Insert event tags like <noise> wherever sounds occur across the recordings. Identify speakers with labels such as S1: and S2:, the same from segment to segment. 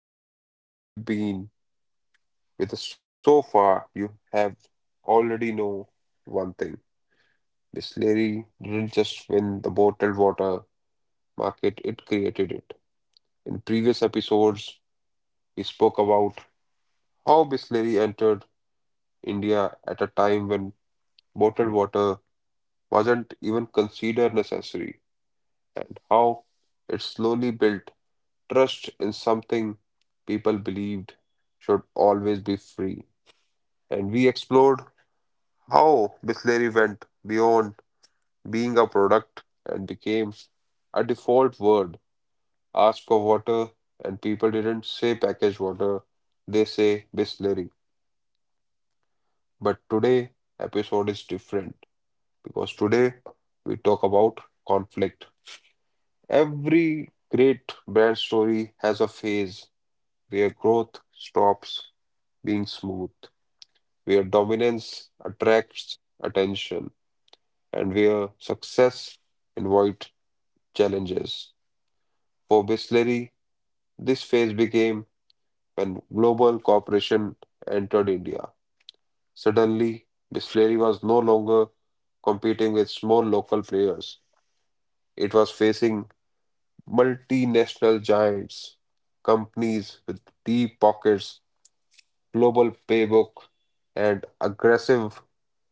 S1: and if you have been with us so far, you have already know one thing. Bisleri didn't just win the bottled water market, it created it. In previous episodes, we spoke about how Bisleri entered India at a time when bottled water wasn't even considered necessary, and how it slowly built trust in something people believed should always be free, and we explored how Bisleri went beyond being a product and became a default word. Ask for water, and people didn't say packaged water, they say Bisleri. But today, episode is different because today we talk about conflict. Every great brand story has a phase where growth stops being smooth, where dominance attracts attention, and where success invites challenges. For Bisleri, this phase became when global cooperation entered India. Suddenly, Bisleri was no longer competing with small local players. It was facing multinational giants, companies with deep pockets, global playbook, and aggressive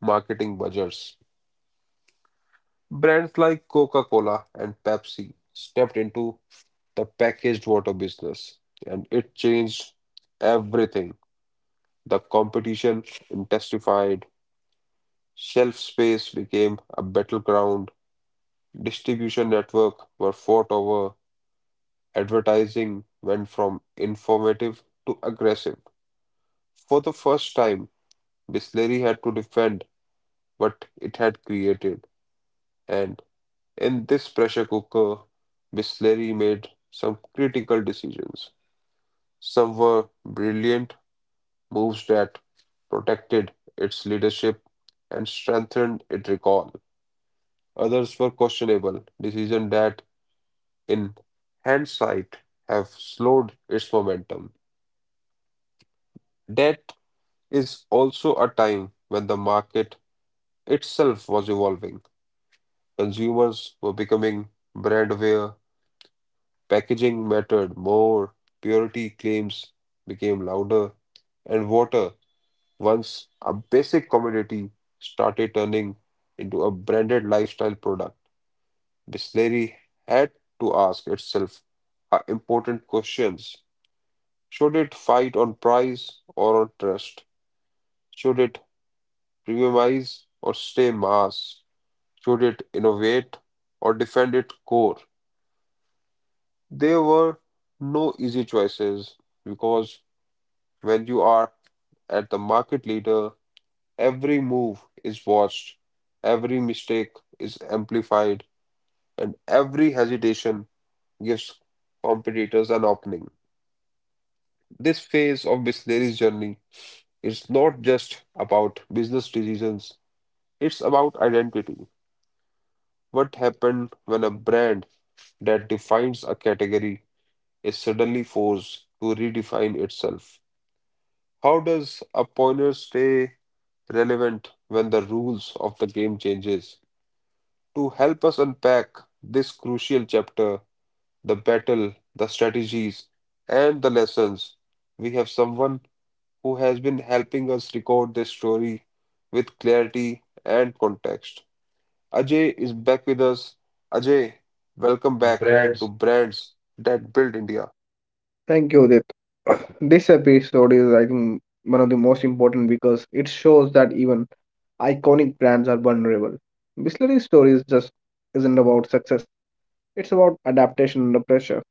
S1: marketing budgets. Brands like Coca Cola and Pepsi stepped into the packaged water business, and it changed everything. The competition intensified, shelf space became a battleground, distribution network were fought over, advertising went from informative to aggressive. For the first time, Bisleri had to defend what it had created, and in this pressure cooker, Bisleri made some critical decisions. Some were brilliant moves that protected its leadership and strengthened its recall. Others were questionable, decisions that, in hindsight, have slowed its momentum. That is also a time when the market itself was evolving. Consumers were becoming brand aware, packaging mattered more, purity claims became louder, and water once a basic commodity started turning into a branded lifestyle product. Bisleri had to ask itself important questions. Should it fight on price or on trust? Should it premiumize or stay mass? Should it innovate or defend its core? There were no easy choices because when you are at the market leader, every move is watched, every mistake is amplified, and every hesitation gives competitors an opening. This phase of Bisleri's journey is not just about business decisions, it's about identity. What happened when a brand that defines a category is suddenly forced to redefine itself? How does a pioneer stay relevant when the rules of the game changes? To help us unpack this crucial chapter, the battle, the strategies, and the lessons, we have someone who has been helping us record this story with clarity and context. Ajay is back with us. Ajay, welcome back to
S2: Breads.
S1: Brands That Build India.
S2: Thank you, Udit. <clears throat> This episode is, I think, one of the most important because it shows that even iconic brands are vulnerable. Bisleri's story is just isn't about success; it's about adaptation under pressure.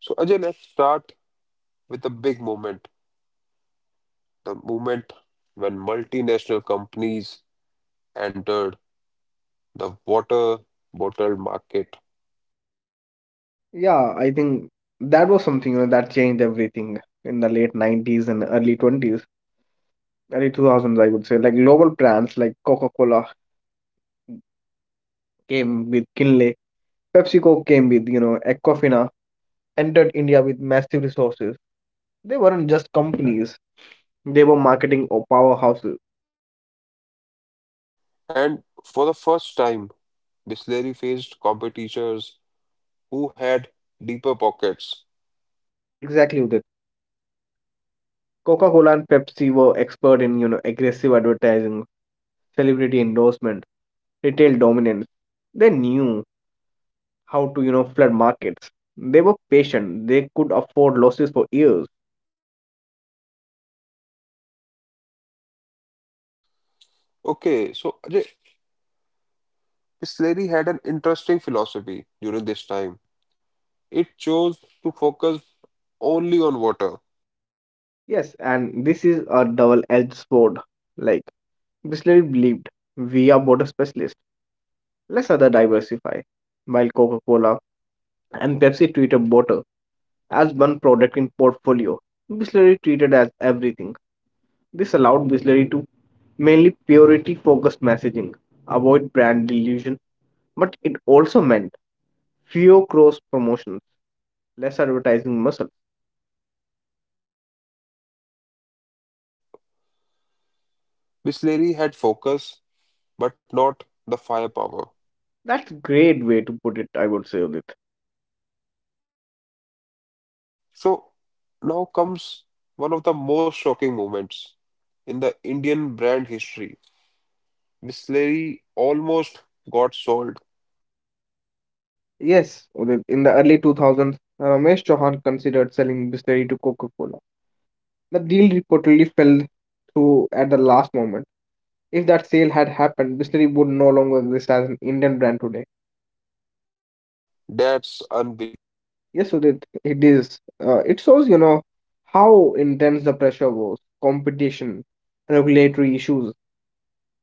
S1: So, Ajay, let's start with the big moment, the moment when multinational companies entered the water bottle market.
S2: Yeah, I think that was something, that changed everything in the late '90s and early '20s, early 2000s, I would say. Like global brands like Coca-Cola came with Kinley, PepsiCo came with Aquafina, entered India with massive resources. They weren't just companies, they were marketing or powerhouses.
S1: And for the first time, Bisleri faced competitors who had deeper pockets.
S2: Exactly that. Coca-Cola and Pepsi were expert in, aggressive advertising, celebrity endorsement, retail dominance. They knew how to, flood markets. They were patient. They could afford losses for years.
S1: Okay, so Ajay, Bisleri had an interesting philosophy during this time. It chose to focus only on water.
S2: Yes, and this is a double-edged sword. Like Bisleri believed, we are water specialists. Let's other diversify. While Coca-Cola and Pepsi treated water as one product in portfolio. Bisleri treated as everything. This allowed Bisleri to mainly purity focused messaging, avoid brand delusion, but it also meant fewer cross promotions, less advertising muscle.
S1: So Bisleri had focus, but not the firepower.
S2: That's a great way to put it, I would say, Udit.
S1: So now comes one of the most shocking moments in the Indian brand history. Bisleri almost got sold.
S2: Yes, Udit, in the early 2000s, Ramesh Chauhan considered selling Bisleri to Coca Cola. The deal reportedly fell through at the last moment. If that sale had happened, Bisleri would no longer exist as an Indian brand today.
S1: That's unbelievable.
S2: Yes, Udit, it is. It shows how intense the pressure was. Competition, regulatory issues,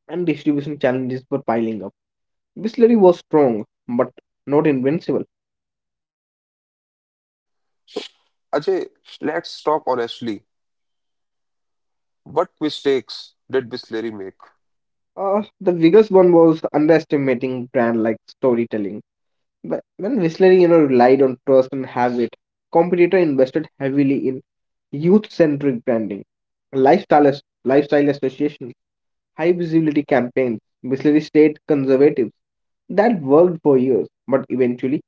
S2: and distribution challenges were piling up. Whistlery was strong, but not invincible.
S1: So Ajay, let's talk honestly. What mistakes did Bisleri make?
S2: The biggest one was underestimating brand like storytelling. But when Whistlery, relied on trust and habit, competitor invested heavily in youth-centric branding, lifestyle associations, high visibility campaigns. Whistlery stayed conservative. That worked for years, but eventually,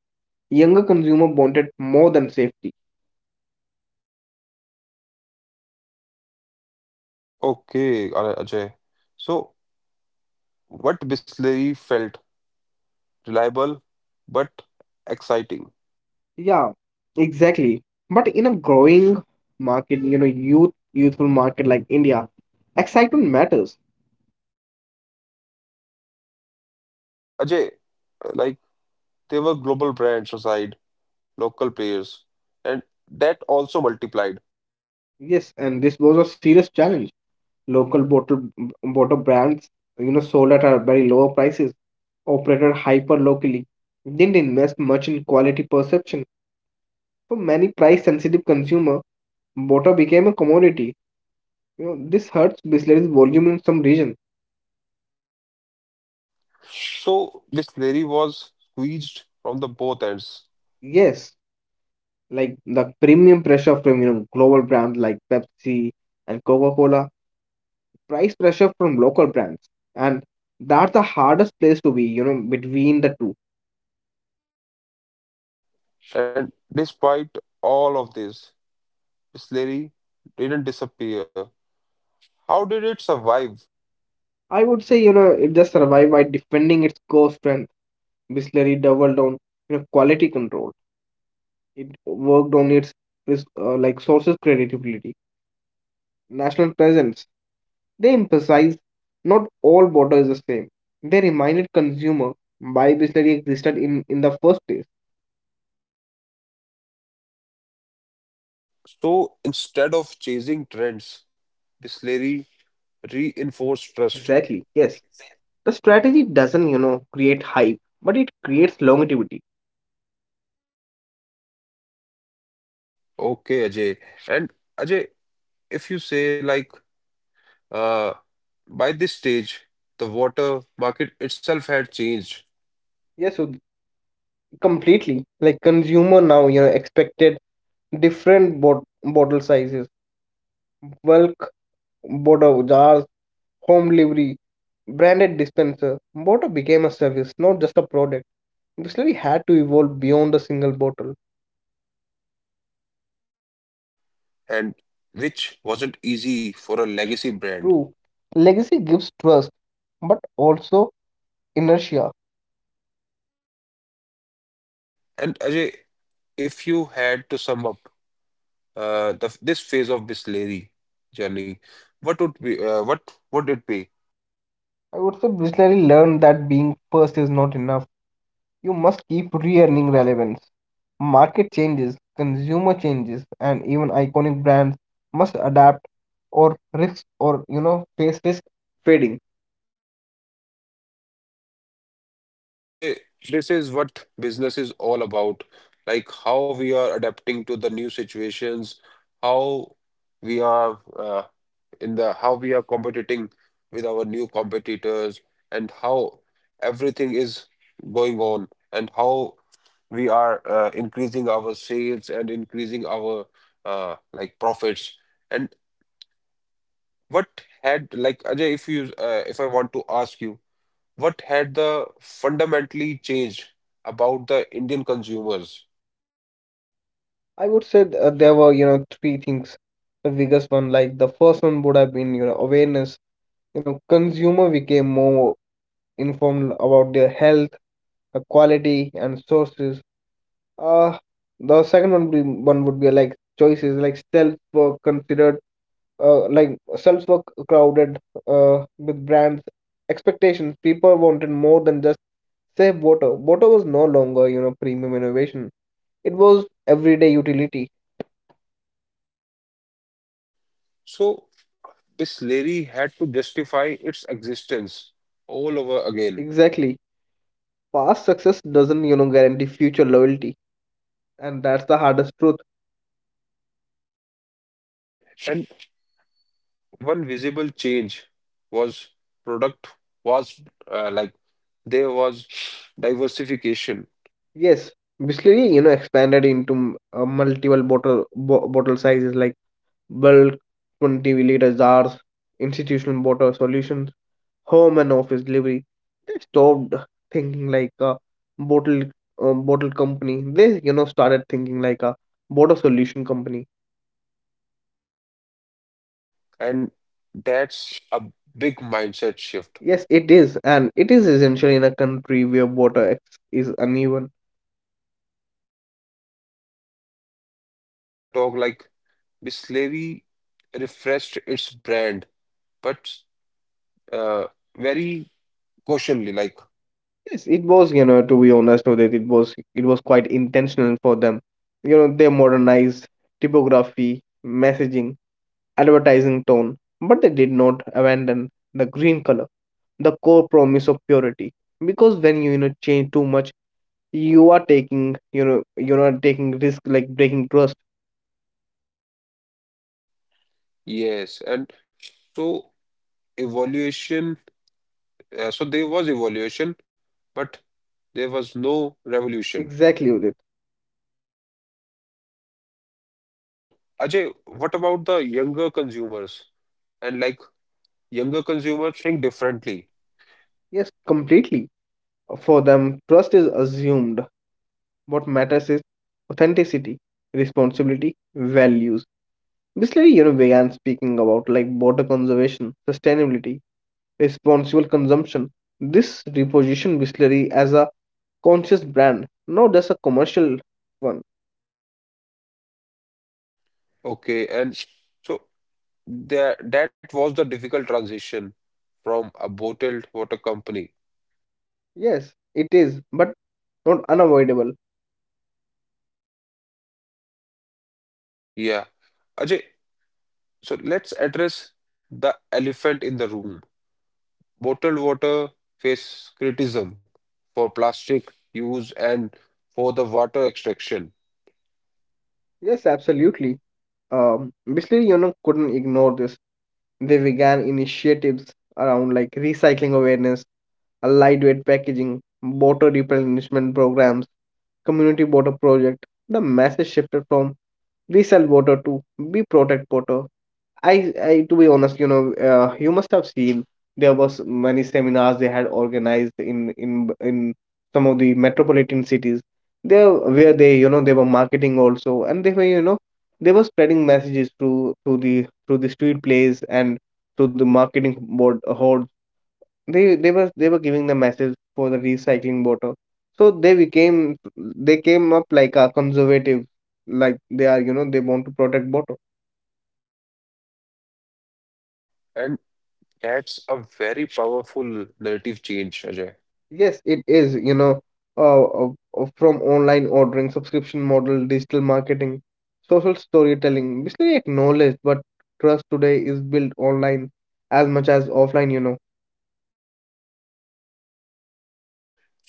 S2: younger consumer wanted more than safety.
S1: Okay, Ajay. So, what Bisleri felt reliable but exciting.
S2: Yeah, exactly. But in a growing market, youthful market like India, excitement matters.
S1: And Ajay, like they were global brands aside, local players, and that also multiplied.
S2: Yes, and this was a serious challenge. Local bottle water brands, sold at a very lower prices, operated hyper locally, didn't invest much in quality perception. For many price-sensitive consumer, water became a commodity. This hurts Bisleri's volume in some regions.
S1: So, Bisleri was squeezed from the both ends.
S2: Yes, like the premium pressure from global brands like Pepsi and Coca-Cola, price pressure from local brands, and that's the hardest place to be, between the two.
S1: And despite all of this, Bisleri didn't disappear. How did it survive?
S2: I would say, it just survived by defending its core strength. Bisleri doubled on, quality control. It worked on its like sources credibility, national presence. They emphasized not all water is the same. They reminded consumer why Bisleri existed in the first place.
S1: So instead of chasing trends, Bisleri reinforced trust.
S2: Exactly. Yes. The strategy doesn't create hype, but it creates longevity.
S1: Okay, Ajay. And Ajay, if you say like uh, by this stage, the water market itself had changed,
S2: Yes, so completely. Like consumer now, expected different bottle sizes, bulk bottle jars, home delivery, branded dispenser. Bottle became a service, not just a product. Distillery had to evolve beyond the single bottle.
S1: and which wasn't easy for a legacy brand.
S2: True. Legacy gives trust, but also inertia.
S1: And Ajay, if you had to sum up this phase of Bisleri journey, what would be what would it be?
S2: I would say distillery learned that being first is not enough. You must keep re-earning relevance. Market changes, consumer changes, and even iconic brands must adapt or face risk trading.
S1: And Ajay, this is what business is all about, like how we are adapting to the new situations, how we are in the how we are competing with our new competitors, and how everything is going on, and how we are increasing our sales and increasing our like profits. And what had like Ajay, if you if I want to ask you what had the fundamentally changed about the Indian consumers.
S2: I would say there were three things. The biggest one, like the first one, would have been awareness. Consumer became more informed about their health, the quality, and sources. Uh, the second one would be like choices like self work considered like shelves were crowded with brands expectations people wanted more than just safe water was no longer premium innovation it was everyday utility.
S1: So Bisleri had to justify its existence all over again.
S2: Exactly. Past success doesn't guarantee future loyalty, and that's the hardest truth.
S1: And one visible change was product was like there was diversification
S2: Yes, Bisleri expanded into multiple bottle bottle sizes like bulk 20-liter jars, institutional bottle solution, home and office delivery. They stopped thinking like a bottle uh, bottle company. They started thinking like a water solution company.
S1: and that's a big mindset shift.
S2: Yes, it is, and it is essentially in a country where water is uneven.
S1: And Ajay, if I talk like Bisleri refreshed its brand, but uh, very cautiously, like
S2: Yes, it was to be honest with it, it was quite intentional for them. They modernized typography, messaging, advertising tone, but they did not abandon the green color, the core promise of purity because when you know change too much you are taking you know you're not taking risk like breaking trust.
S1: yes, and so evolution, so there was evolution, but there was no revolution.
S2: Exactly, Udit.
S1: And Ajay, what about the younger consumers? And like younger consumers think differently.
S2: Yes, completely. For them trust is assumed. What matters is authenticity, responsibility, values. Basically, began speaking about like water conservation, sustainability, responsible consumption. This reposition Bisleri as a conscious brand, not just a commercial one.
S1: Okay, and so that was the difficult transition from a bottled water company.
S2: Yes, it is, but not unavoidable.
S1: Yeah. Ajay, so let's address the elephant in the room. Bottled water faces criticism for plastic use and for the water extraction.
S2: Yes, absolutely. Basically, couldn't ignore this. They began initiatives around like recycling awareness, a lightweight packaging, water replenishment programs, community water project. The message shifted from we sell water to we protect water. I to be honest, you must have seen there was many seminars they had organized in some of the metropolitan cities. There where they were marketing also, and they were spreading messages through the street plays and through the marketing board hoards. They were giving the message for the recycling water. So they came up like a conservative, like they are, you know, they want to protect water.
S1: And that's a very powerful narrative change, Ajay.
S2: Yes, it is, uh, uh, from online ordering, subscription model, digital marketing, social storytelling, basically acknowledged, but trust today is built online as much as offline.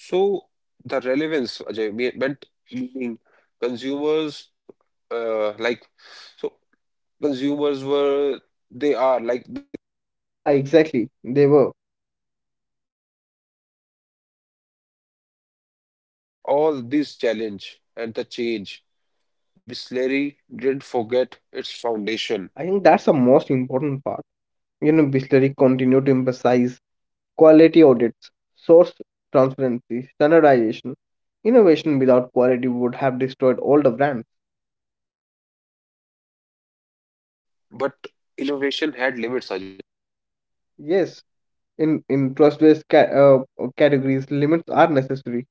S1: So the relevance, Ajay, meant meaning consumers like so consumers were they are like they were
S2: Yeah,
S1: relevance.
S2: exactly. They were.
S1: And despite all this challenge and the change, Bisleri didn't forget its foundation.
S2: I think that's the most important part. Bisleri continue to emphasize quality audits, source transparency, standardization. Innovation without quality would have destroyed all the brands.
S1: But innovation had limits, Ajay.
S2: Yes, in trust-based ca categories, limits are necessary.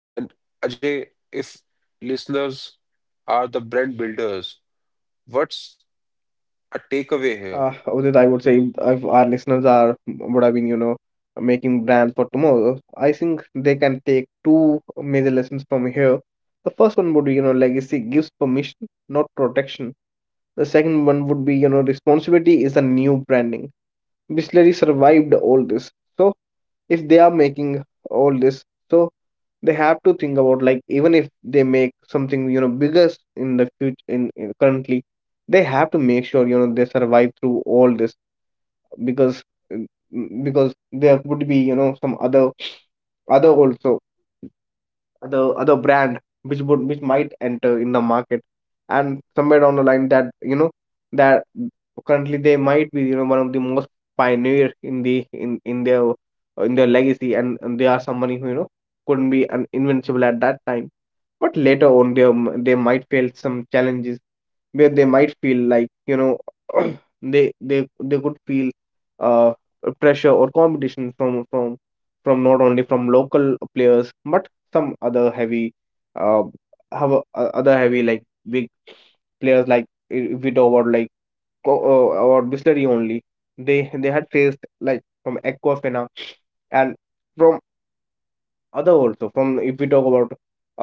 S1: And Ajay, if listeners are the brand builders, what's a takeaway here?
S2: Udit, I would say if our listeners are would have been, making brands for tomorrow, I think they can take two major lessons from here. The first one would be, legacy gives permission, not protection. The second one would be, responsibility is a new branding. Bisleri survived all this. So if they are making all this, so they have to think about like even if they make something biggest in the future in currently, they have to make sure, they survive through all this because mm, there would be some other also the other brand which might enter in the market, and somewhere down the line that you know that currently they might be one of the most pioneer in the in their legacy, and they are somebody who couldn't be invincible at that time but later on they might face some challenges where they might feel like <clears throat> they could feel uh pressure or competition from not only from local players but some other heavy, uh, have a, o- other heavy like big players like if we talk about like or Bisleri only, they had faced like from Aquafina and from other also from if we talk about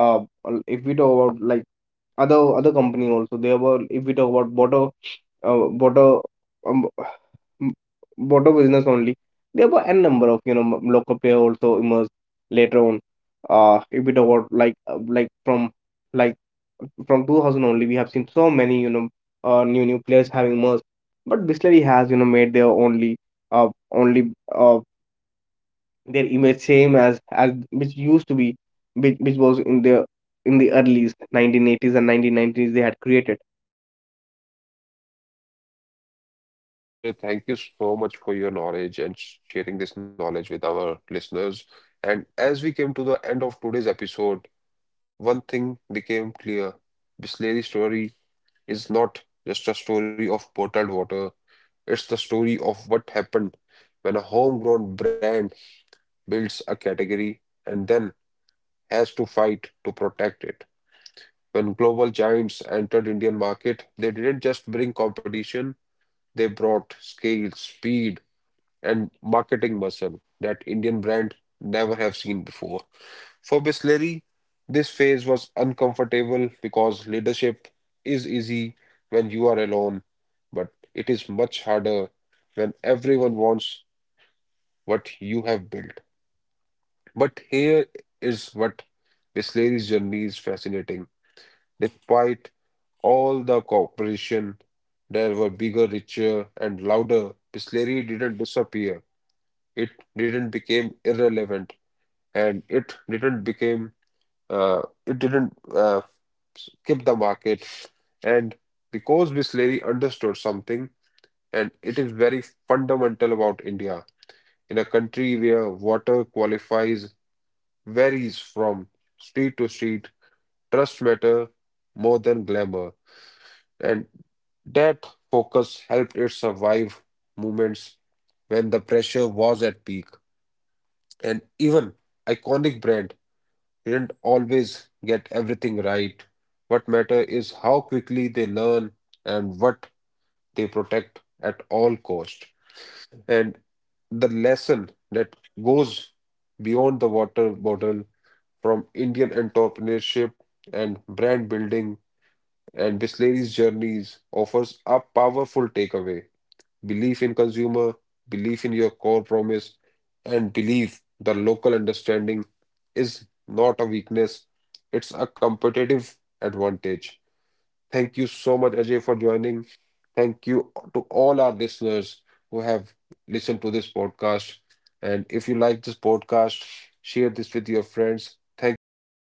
S2: uh if we talk about like other company also they were if we talk about uh water um, m- water business only there were n number of local player also emerged later on if we talk about like like from 2000 only we have seen so many new players having emerged, but Bisleri has made their only their image same as which used to be, which was in the early 1980s and 1990s they had created.
S1: Thank you, Ajay. Thank you so much for your knowledge and sharing this knowledge with our listeners. And as we came to the end of today's episode, one thing became clear. Bisleri's story is not just a story of bottled water, it's the story of what happened when a homegrown brand builds a category and then has to fight to protect it. When global giants entered Indian market, they didn't just bring competition, they brought scale, speed, and marketing muscle that Indian brand never have seen before. For Bisleri, this phase was uncomfortable because leadership is easy when you are alone, but it is much harder when everyone wants what you have built. But here is what Bisleri's journey is fascinating. Despite all the cooperation, there were bigger, richer, and louder. Bisleri didn't disappear. It didn't become irrelevant, and it didn't become it didn't skip the market. And because Bisleri understood something, and it is very fundamental about India, in a country where water qualifies varies from street to street, trust matter more than glamour, and that focus helped it survive moments when the pressure was at peak. And even iconic brand didn't always get everything right. What matter is how quickly they learn and what they protect at all cost. And the lesson that goes beyond the water bottle from Indian entrepreneurship and brand building and Bisleri's journeys offers a powerful takeaway. Belief in consumer, belief in your core promise, and belief the local understanding is not a weakness, it's a competitive advantage. Thank you so much, Ajay, for joining. Thank you to all our listeners who have listened to this podcast. And if you like this podcast, share this with your friends. Thank you so